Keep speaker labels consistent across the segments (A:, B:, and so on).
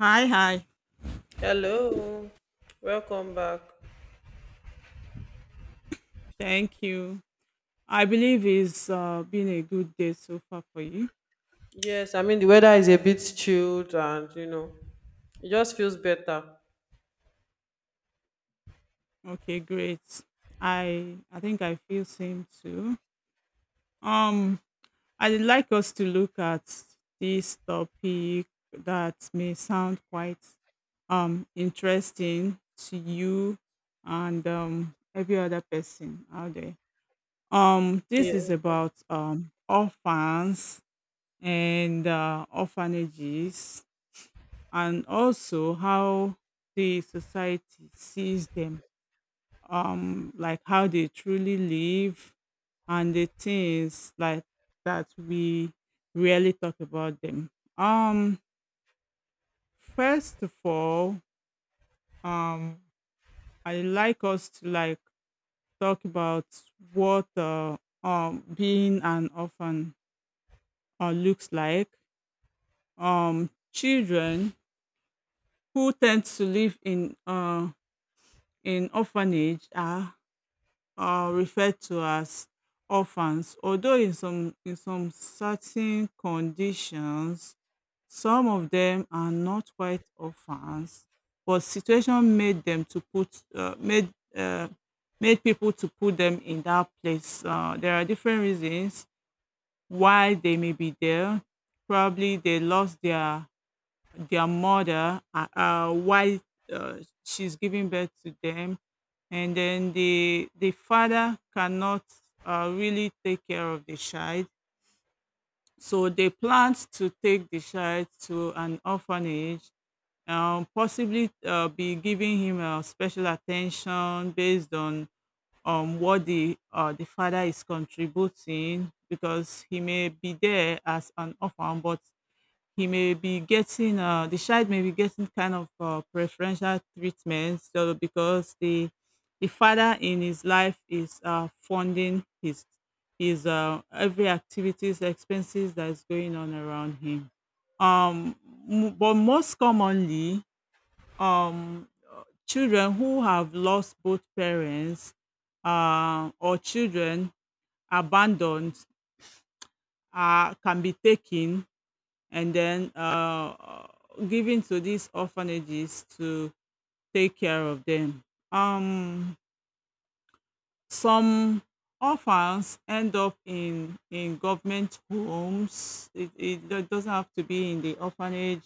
A: Hi, hi.
B: Hello, welcome back.
A: Thank you. I believe it's been a good day so far for you.
B: Yes, I mean the weather is a bit chilled and it just feels better.
A: Okay, great. I think I feel same too. Um, I'd like us to look at this topic that may sound quite interesting to you and every other person out there.
B: Yeah.
A: This is about orphans and orphanages and also how the society sees them, like how they truly live and the things like that we really talk about them. Um, first of all, um, I like us to like talk about what being an orphan looks like. Children who tend to live in in orphanage are referred to as orphans. Although in some certain conditions, some of them are not quite orphans, but situation made them to put made uh, made people to put them in that place. There are different reasons why they may be there. Probably they lost their mother while uh, she's giving birth to them, and then the father cannot really take care of the child, so they plan to take the child to an orphanage, possibly be giving him special attention based on what the father is contributing, because he may be there as an orphan but he may be getting the child may be getting kind of preferential treatment, so because the father in his life is funding his his every activities expenses that is going on around him. um but most commonly, um children who have lost both parents or children abandoned can be taken and then given to these orphanages to take care of them. Um, some orphans end up in government homes. It doesn't have to be in the orphanage.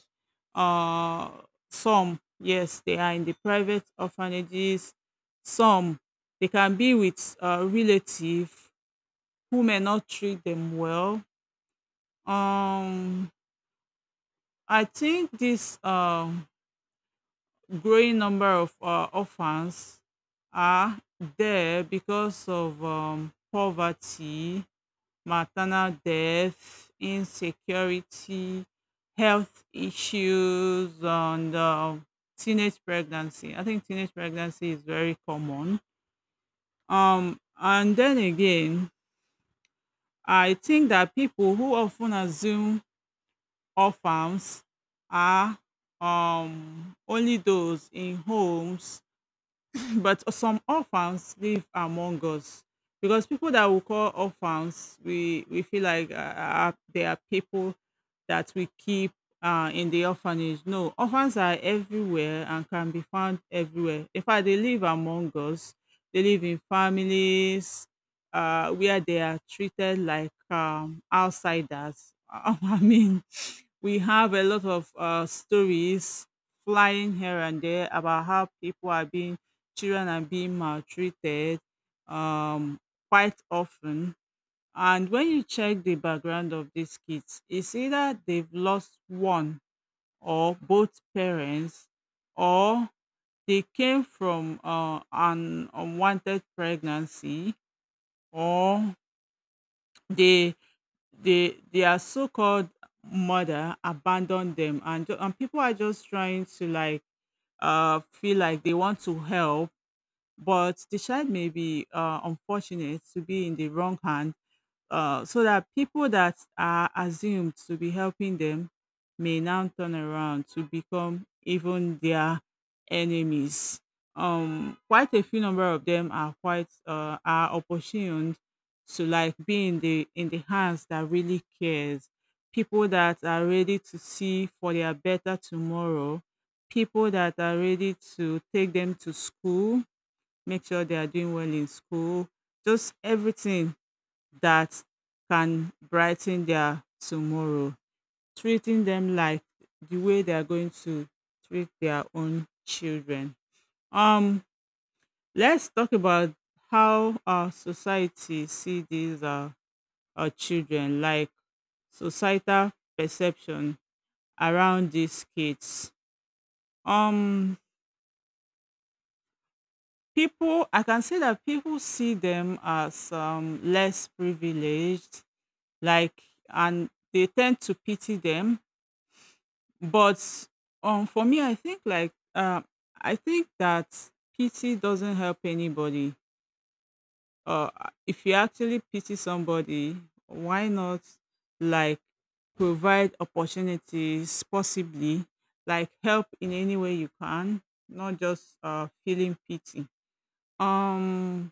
A: Uh, some, yes, they are in the private orphanages. Some, they can be with a relative who may not treat them well. Um, I think this growing number of orphans are there because of poverty, maternal death, insecurity, health issues, and teenage pregnancy. I think teenage pregnancy is very common. And then again, I think that people who often assume orphans are only those in homes, but some orphans live among us, because people that we call orphans, we feel like are, they are people that we keep in the orphanage. No, orphans are everywhere and can be found everywhere. In fact, they live among us. They live in families where they are treated like outsiders. I mean, we have a lot of stories flying here and there about how people are being children are being maltreated, um, quite often. And when you check the background of these kids, it's either they've lost one or both parents, or they came from an unwanted pregnancy, or they they their so-called mother abandoned them, and people are just trying to like feel like they want to help, but the child may be unfortunate to be in the wrong hand, so that people that are assumed to be helping them may now turn around to become even their enemies. Quite a few number of them are quite are opportuned to like be in the hands that really cares, people that are ready to see for their better tomorrow, people that are ready to take them to school, make sure they are doing well in school, just everything that can brighten their tomorrow. Treating them like the way they are going to treat their own children. Um, let's talk about how our society see these our children, like societal perception around these kids. Um, people, I can say that people see them as less privileged, like, and they tend to pity them, but for me, I think like I think that pity doesn't help anybody. uh if you actually pity somebody, why not, like, provide opportunities possibly, like help in any way you can, not just feeling pity. um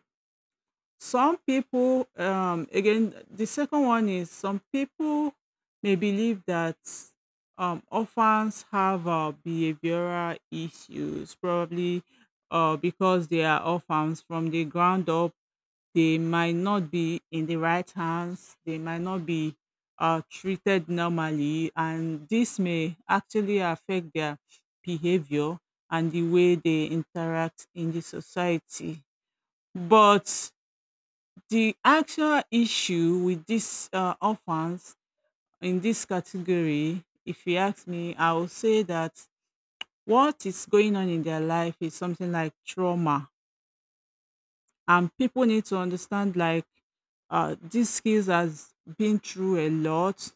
A: Some people, again, the second one is some people may believe that orphans have behavioral issues, probably because they are orphans from the ground up. They might not be in the right hands, they might not be treated normally, and this may actually affect their behavior and the way they interact in the society. But the actual issue with these orphans in this category, if you ask me, I will say that what is going on in their life is something like trauma, and people need to understand like these skills has been through a lot,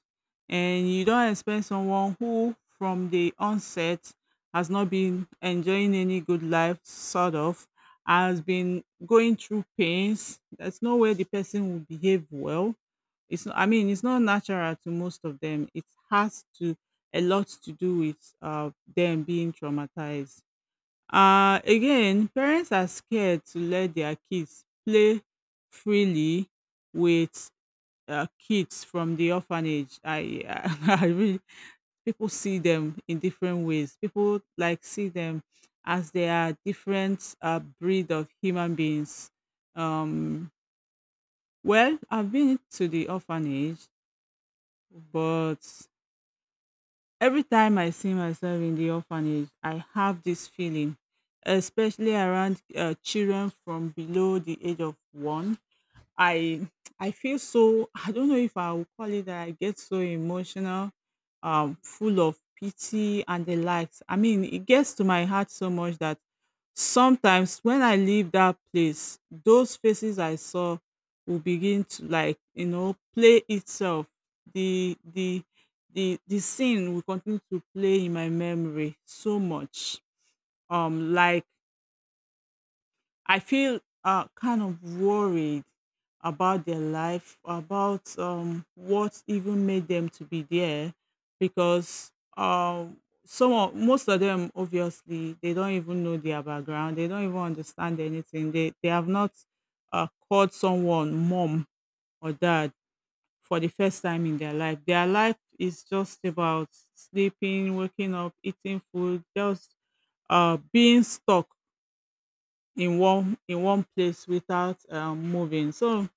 A: and you don't expect someone who from the onset has not been enjoying any good life, sort of has been going through pains. There's no way the person will behave well. It's not, I mean, it's not natural to most of them. It has to a lot to do with them being traumatized. Again, parents are scared to let their kids play freely with kids from the orphanage. I I really, people see them in different ways. People like see them as they are different breed of human beings. um well, I've been to the orphanage, but every time I see myself in the orphanage, I have this feeling, especially around children from below the age of one. I I feel so, I don't know if I would call it that, I get so emotional, full of pity and the likes. I mean, it gets to my heart so much that sometimes when I leave that place, those faces I saw will begin to, like, you know, play itself. The the the scene will continue to play in my memory so much. Like, I feel kind of worried about their life, about what even made them to be there, because um, some of, most of them, obviously they don't even know their background, they don't even understand anything. They have not called someone mom or dad for the first time in their life. Their life is just about sleeping, waking up, eating food, just being stuck in one place without moving. So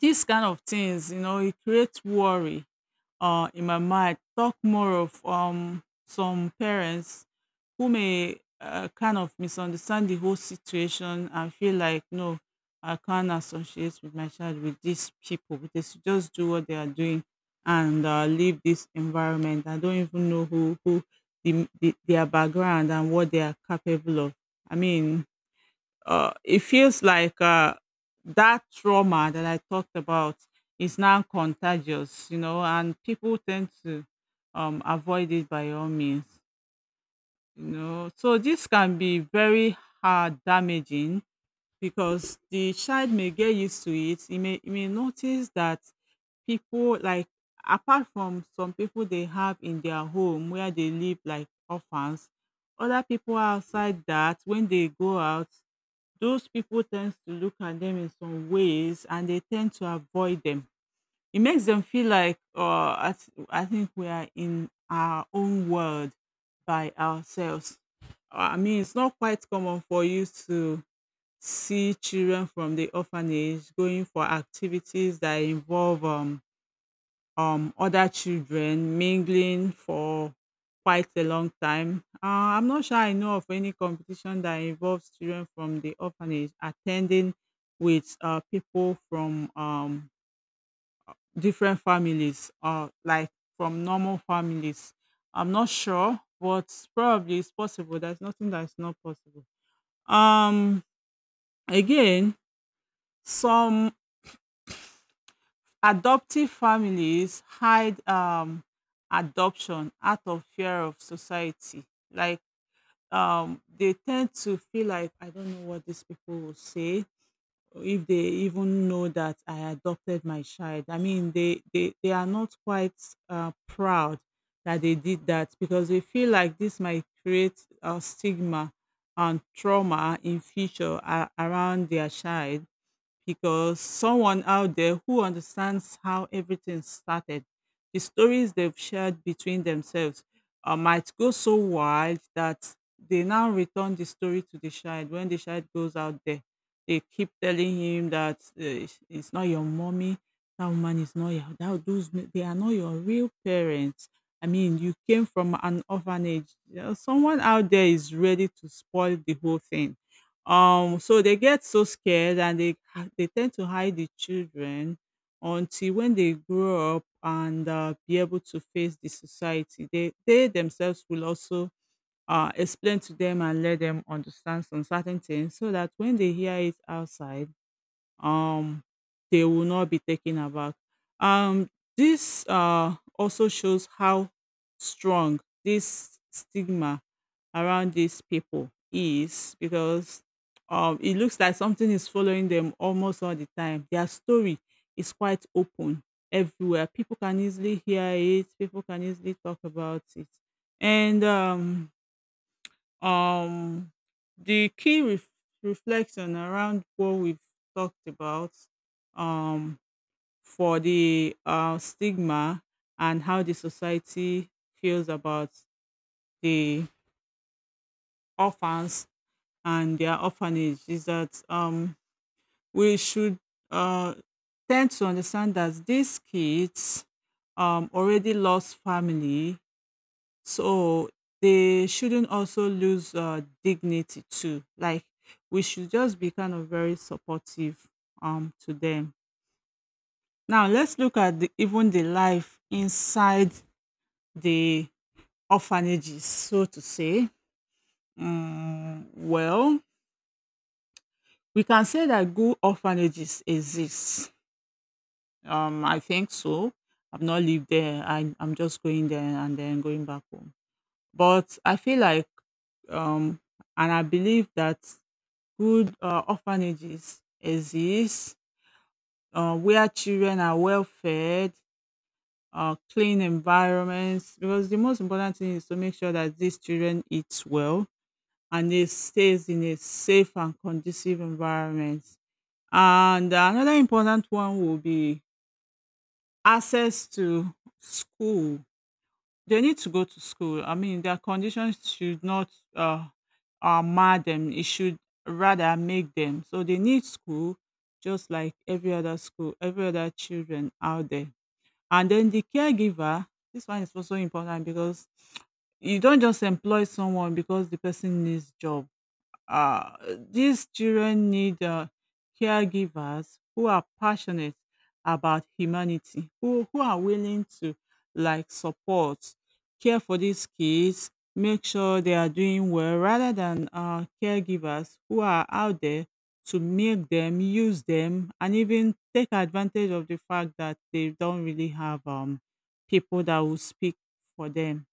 A: these kind of things, you know, it creates worry in my mind. Talk more of some parents who may kind of misunderstand the whole situation and feel like, no, I can't associate with my child with these people. They should just do what they are doing and leave this environment. I don't even know who their background and what they are capable of. I mean, it feels like that trauma that I talked about is now contagious, you know, and people tend to avoid it by all means, you know. So this can be very hard damaging, because the child may get used to it. He may notice that people, like, apart from some people they have in their home where they live, like orphans, other people outside, that when they go out, those people tend to look at them in some ways and they tend to avoid them. It makes them feel like I, I think we are in our own world by ourselves. I mean it's not quite common for you to see children from the orphanage going for activities that involve other children mingling for quite a long time. I'm not sure I know of any competition that involves children from the orphanage attending with people from different families, like from normal families. I'm not sure, but probably it's possible. There's nothing that's not possible. Um, again, some adoptive families hide adoption out of fear of society. Like, they tend to feel like, I don't know what these people will say, or if they even know that I adopted my child. I mean, they are not quite proud that they did that, because they feel like this might create a stigma and trauma in future a around their child, because someone out there who understands how everything started, the stories they've shared between themselves might go so wide that they now return the story to the child. When the child goes out there, they keep telling him that it's not your mommy, that woman is not your, that, those, they are not your real parents. I mean, you came from an orphanage. You know, someone out there is ready to spoil the whole thing, so they get so scared and they tend to hide the children until when they grow up and be able to face the society. They themselves will also explain to them and let them understand some certain things so that when they hear it outside um they will not be taken aback. Um, this also shows how strong this stigma around these people is because it looks like something is following them almost all the time. Their story is quite open everywhere. People can easily hear it, people can easily talk about it. And um, the reflection around what we've talked about, um, for the stigma and how the society feels about the orphans and their orphanage is that we should uh, tend to understand that these kids already lost family. So they shouldn't also lose dignity too. Like we should just be kind of very supportive to them. Now let's look at the, even the life inside the orphanages, so to say. Mm, well, we can say that good orphanages exist. I think so. I've not lived there. I'm just going there and then going back home. But I feel like um, and I believe that good orphanages exist, where children are well fed, clean environments. Because the most important thing is to make sure that these children eat well and they stays in a safe and conducive environment. And another important one will be access to school. They need to go to school. I mean, their conditions should not uh, mar them. It should rather make them. So they need school, just like every other school, every other children out there. And then the caregiver. This one is also important because you don't just employ someone because the person needs job. uh, these children need caregivers who are passionate about humanity, who are willing to like support, care for these kids, make sure they are doing well, rather than caregivers who are out there to make them, use them, and even take advantage of the fact that they don't really have people that will speak for them.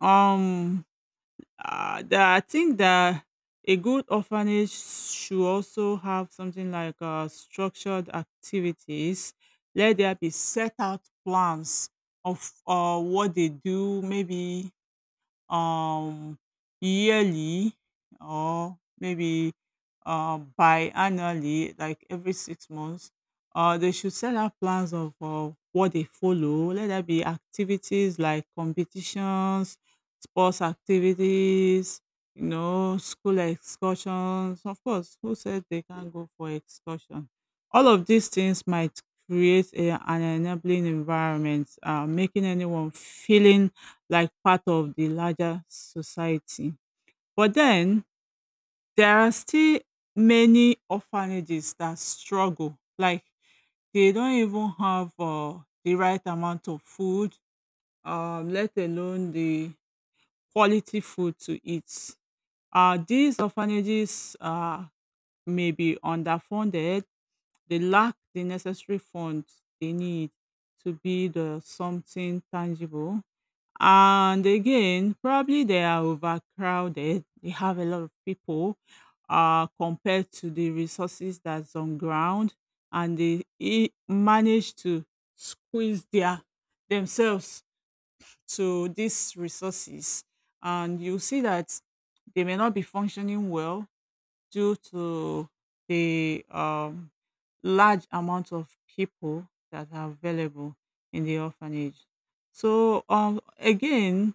A: Um, that I think that a good orphanage should also have something like structured activities. Let there be set out plans of what they do, maybe um yearly or maybe biannually, like every 6 months. They should set out plans of what they follow. Let there be activities like competitions, sports activities, you know, school excursions. Of course, who said they can't go for excursion? All of these things might create a, an enabling environment, making anyone feeling like part of the larger society. But then there are still many orphanages that struggle, like they don't even have the right amount of food, let alone the quality food to eat. These orphanages may be underfunded, they lack the necessary funds they need to build something tangible. And again, probably they are overcrowded. They have a lot of people compared to the resources that's on ground, and they manage to squeeze their themselves to these resources. And you see that they may not be functioning well due to the large amount of people that are available in the orphanage. So again,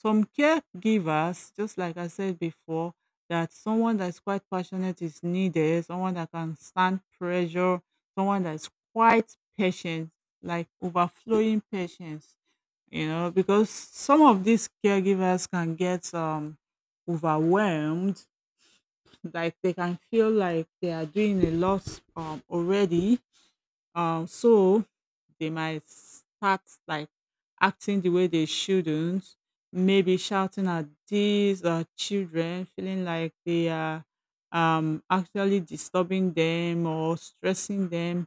A: some caregivers, just like I said before, that someone that's quite passionate is needed, someone that can stand pressure, someone that's quite patient, like overflowing patience, you know, because some of these caregivers can get overwhelmed, like they can feel like they are doing a lot already, so they might start like acting the way they shouldn't, maybe shouting at these children, feeling like they are actually disturbing them or stressing them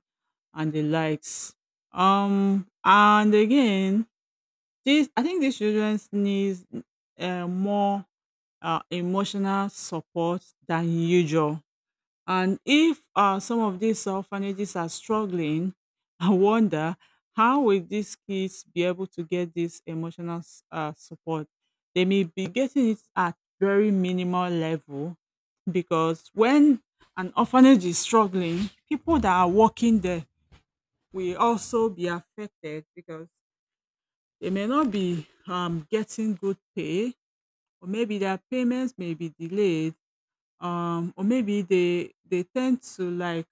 A: and the likes. And again, this I think these children needs more emotional support than usual. And if some of these orphanages are struggling, I wonder how will these kids be able to get this emotional support? They may be getting it at very minimal level because when an orphanage is struggling, people that are working there will also be affected because they may not be getting good pay, or maybe their payments may be delayed, or maybe they tend to like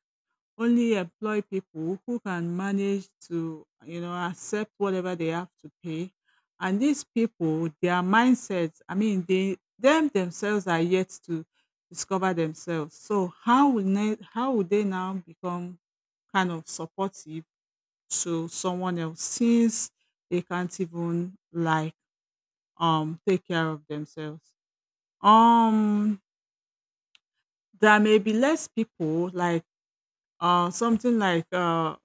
A: only employ people who can manage to, you know, accept whatever they have to pay. And these people, their mindsets, I mean, they themselves are yet to discover themselves, so how will they now become kind of supportive to someone else, since they can't even like take care of themselves. um there may be less people, like something like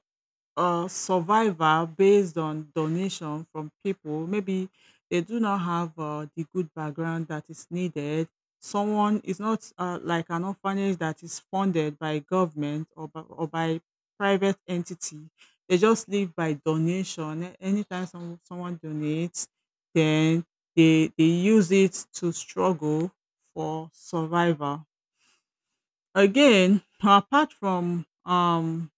A: a survivor based on donation from people. Maybe they do not have the good background that is needed. Someone is not like an orphanage that is funded by government, or by private entity. They just live by donation. Anytime someone donates, then they use it to struggle for survival. Again, apart from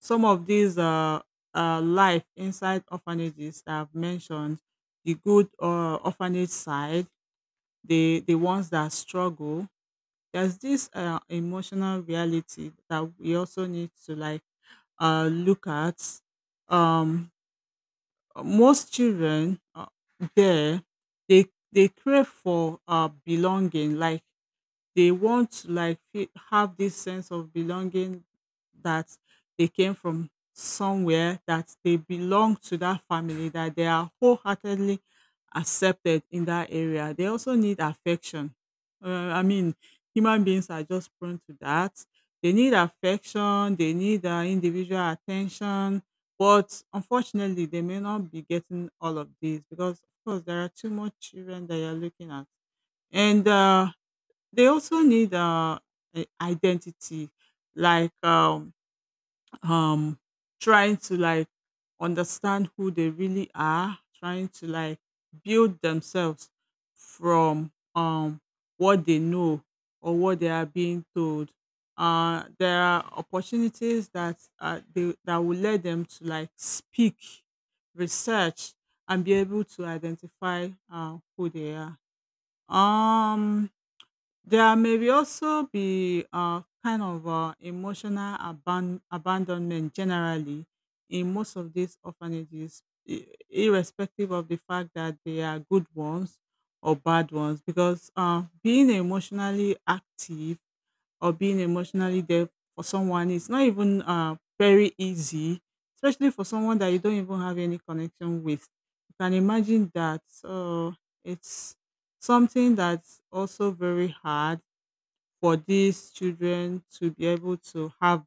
A: some of these life inside orphanages that I've mentioned, the good orphanage side, the ones that struggle, there's this emotional reality that we also need to like look at. Um, Most children, there they crave for belonging, like they want to like have this sense of belonging, that they came from somewhere, that they belong to that family, that they are wholeheartedly accepted in that area. They also need affection. I mean, human beings are just prone to that. They need affection, they need individual attention. But unfortunately they may not be getting all of this because of course there are too much children that you're looking at. And They also need a identity, like um, trying to like understand who they really are, trying to like build themselves from what they know or what they are being told. There are opportunities that that will let them to like speak, research, and be able to identify who they are. Um, there may be also be a kind of abandonment generally in most of these orphanages, irrespective of the fact that they are good ones or bad ones, because being emotionally active or being emotionally there for someone is not even very easy, especially for someone that you don't even have any connection with. You can imagine that. So it's something that's also very hard for these children to be able to have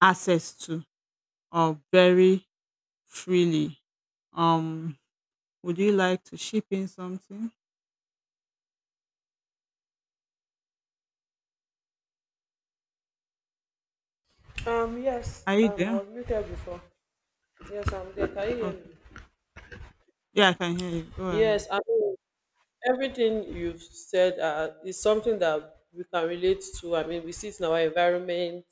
A: access to very freely. Um, would you like to ship in something?
B: Um, yes,
A: Are you
B: um, I
A: there?
B: was muted before. Yes, I'm there. Can you hear me?
A: Okay. Yeah, I can hear you. Go ahead.
B: Yes, I mean, everything you've said is something that we can relate to. I mean, we see it in our environment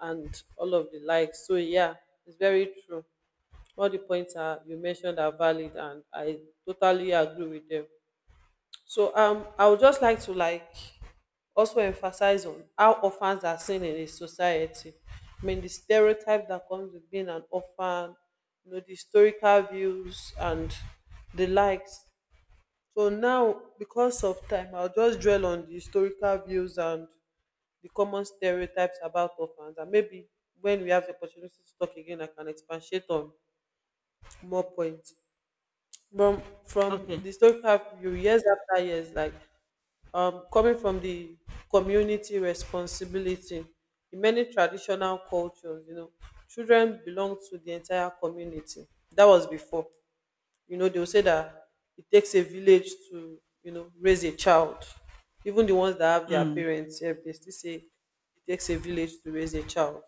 B: and all of the like. So, yeah, it's very true. All the points you mentioned are valid, and I totally agree with them. So I would just like to like also emphasize on how orphans are seen in a society. I mean the stereotype that comes with being an orphan, the historical views and the likes. So now, because of time, I'll just dwell on the historical views and the common stereotypes about orphans. And maybe when we have the opportunity to talk again, I can expatiate on more points. From
A: Okay.
B: the historical view, years after years, like coming from the community responsibility in many traditional cultures. Children belong to the entire community. That was before. They will say that it takes a village to, raise a child. Even the ones that have their
A: Mm,
B: parents sef, they still say it takes a village to raise a child,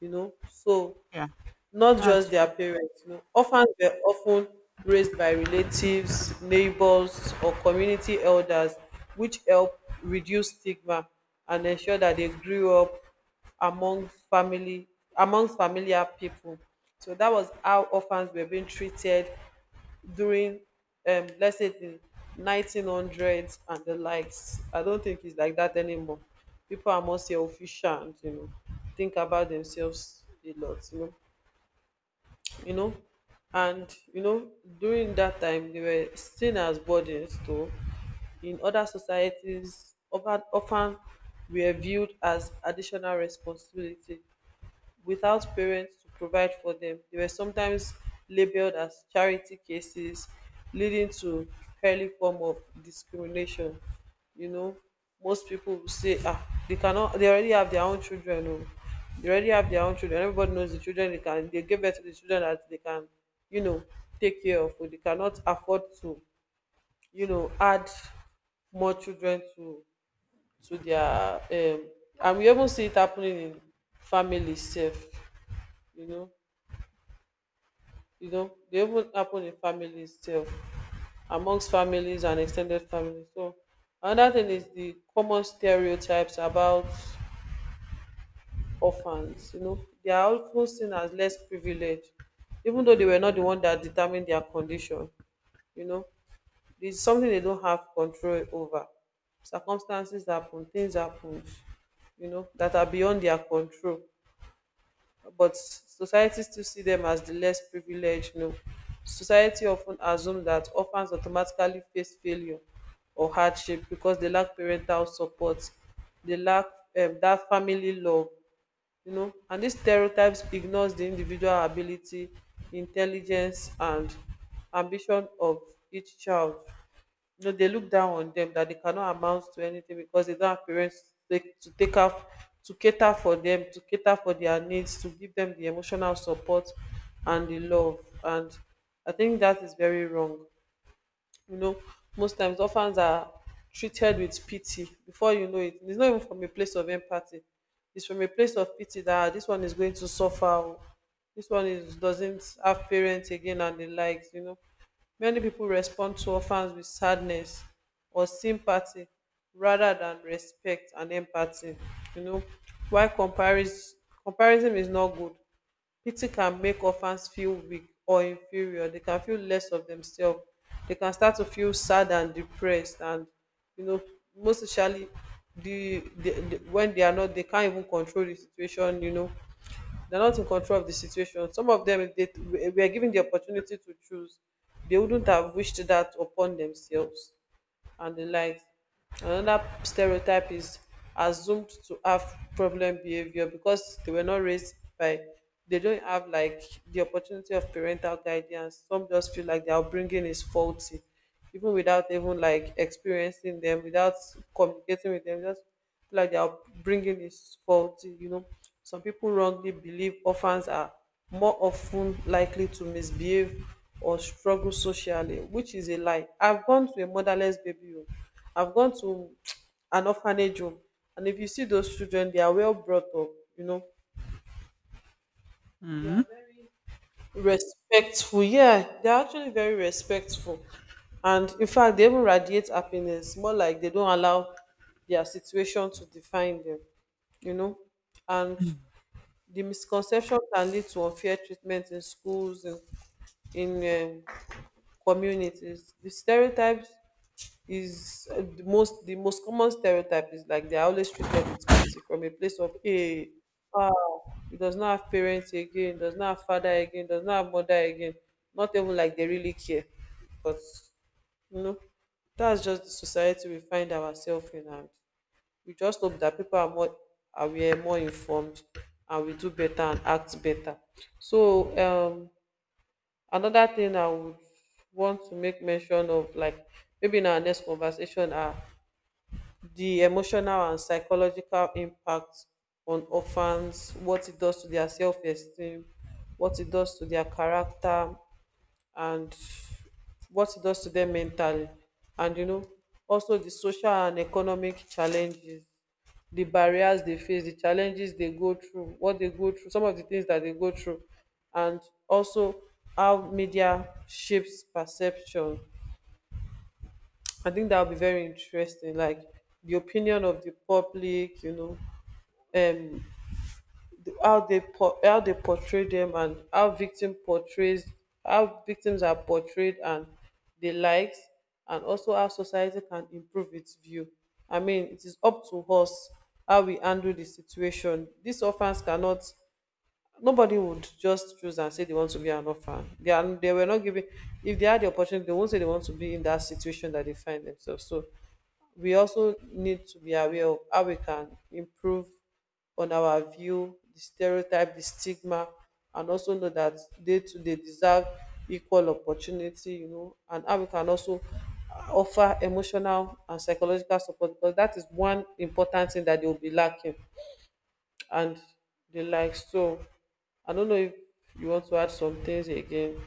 B: so
A: yeah,
B: not
A: that's
B: just their
A: true.
B: parents. You know, orphans were often raised by relatives, neighbors, or community elders, which help reduce stigma and ensure that they grew up among family, amongst familiar people. So that was how orphans were being treated during, let's say, the 1900s and the likes. I don't think it's like that anymore. People are more selfish and think about themselves a lot. You know and you know During that time they were seen as burdens too in other societies, often were viewed as additional responsibility. Without parents to provide for them, they were sometimes labeled as charity cases, leading to early form of discrimination. You know, most people will say, ah, they cannot, they already have their own children. Oh. They already have their own children. Everybody knows the children they can, they give birth to the children that they can, you know, take care of. But they cannot afford to, add more children to their and we even see it happening in families sef. You know you know they even happen in families too, amongst families and extended families. So another thing is the common stereotypes about orphans. They are of seen as less privileged, even though they were not the one that determined their condition. you know it's something they don't have control over. Circumstances happen, things happen, that are beyond their control. But society still see them as the less privileged. Society often ten assume dat orphans automatically face failure or hardship because they lack parental support. They lack dat family love. And these stereotypes ignores the individual ability, intelligence, and ambition of each child. They look down on them that they cannot amount to anything because they don't have parents to take out, to cater for them, to cater for their needs, to give them the emotional support and the love. And I think that is very wrong. you know Most times orphans are treated with pity before you know it. It's not even from a place of empathy, it's from a place of pity that, "Ah, this one is going to suffer oh. This one is doesn't have parents again and the likes." Many people respond to orphans with sadness or sympathy rather than respect and empathy. you know why comparison? Comparison is not good. Pity can make orphans feel weak or inferior, they can feel less of themselves, they can start to feel sad and depressed. And you know most especially, the when they are not, they can't even control the situation. They're not in control of the situation. Some of them, if they were given the opportunity to choose, they wouldn't have wished that upon themselves and the likes. Another stereotype is assumed to have problem behavior because they were not raised by they don't have like the opportunity of parental guidance. Some just feel like their upbringing is faulty, even without even like experiencing them, without communicating with them, just like their upbringing is faulty. You know, some people wrongly believe orphans are more often likely to misbehave or struggle socially, which is a lie. I've gone to a motherless baby home. I've gone to an orphanage home, and if you see those children, they are well brought up. You know,
A: Mm.
B: respectful. Yeah, they're actually very respectful, and in fact, they even radiate happiness. More like they don't allow their situation to define them. You know, and
A: Mm.
B: the misconception can lead to unfair treatment in schools in communities. The stereotypes is the most common stereotype is like they are always treated with pity from a place of hey, ah, he does not have parents again, does not have father again, does not have mother again. Not even like they really care. But you know that's just the society we find ourselves in, and we just hope that people are more aware, more informed, and we do better and act better. So um another thing I would want to make mention of, like maybe in our next conversation, are the emotional and psychological impact on orphans. What it does to their self-esteem, what it does to their character, and what it does to them mentally. And also the social and economic challenges, the barriers they face, the challenges they go through, what they go through, some of the things that they go through. And also how media shapes perception. I think that will be very interesting, like the opinion of the public. Um how they how they portray them, and how victim portrays how victims are portrayed and the likes. And also how society can improve its view. I mean, it is up to us how we handle the situation. These orphans cannot, nobody would just choose and say they want to be an orphan. They were not given. If they had the opportunity, they won't say they want to be in that situation that they find themselves. So we also need to be aware of how we can improve on our view, the stereotype, the stigma, and also know that they too they deserve equal opportunity. You know, and how we can also offer emotional and psychological support because that is one important thing that they will be lacking and the like. So I don't know if you want to add some things again,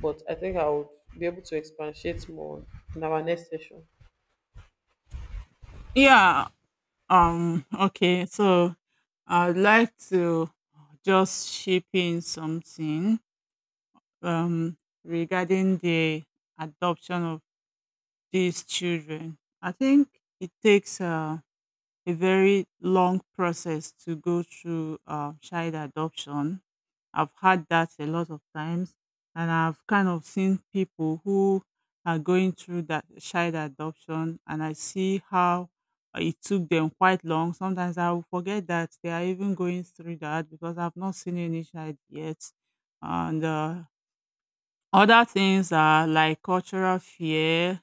B: but I think I would be able to expatiate more in our next session.
A: Yeah. Okay. So I'd like to just ship in something um regarding the adoption of these children. I think it takes a very long process to go through child adoption. I've had that a lot of times, and I've kind of seen people who are going through that child adoption, and I see how it took them quite long. Sometimes I will forget that they are even going through that because I've not seen any child yet, and other things are like cultural fear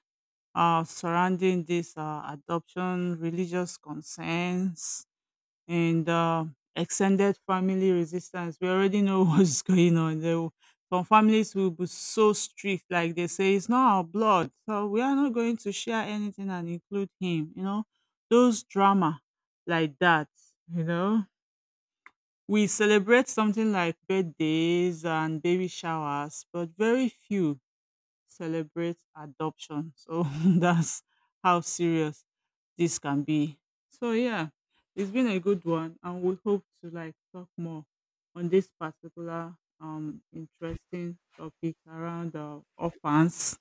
A: surrounding this adoption, religious concerns, and extended family resistance. We already know what's going on. Some families will be so strict, like they say, it's not our blood, so we are not going to share anything and include him. You know, those drama like that. You know, we celebrate something like birthdays and baby showers, but very few celebrate adoption. So that's how serious this can be. So yeah, it's been a good one, and we hope to like talk more on this particular interesting topic around orphans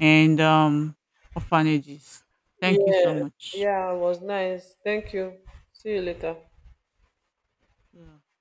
A: and orphanages. Thank you so
B: Yeah.
A: much.
B: Yeah, it was nice. Thank you. See you later.
A: Yeah.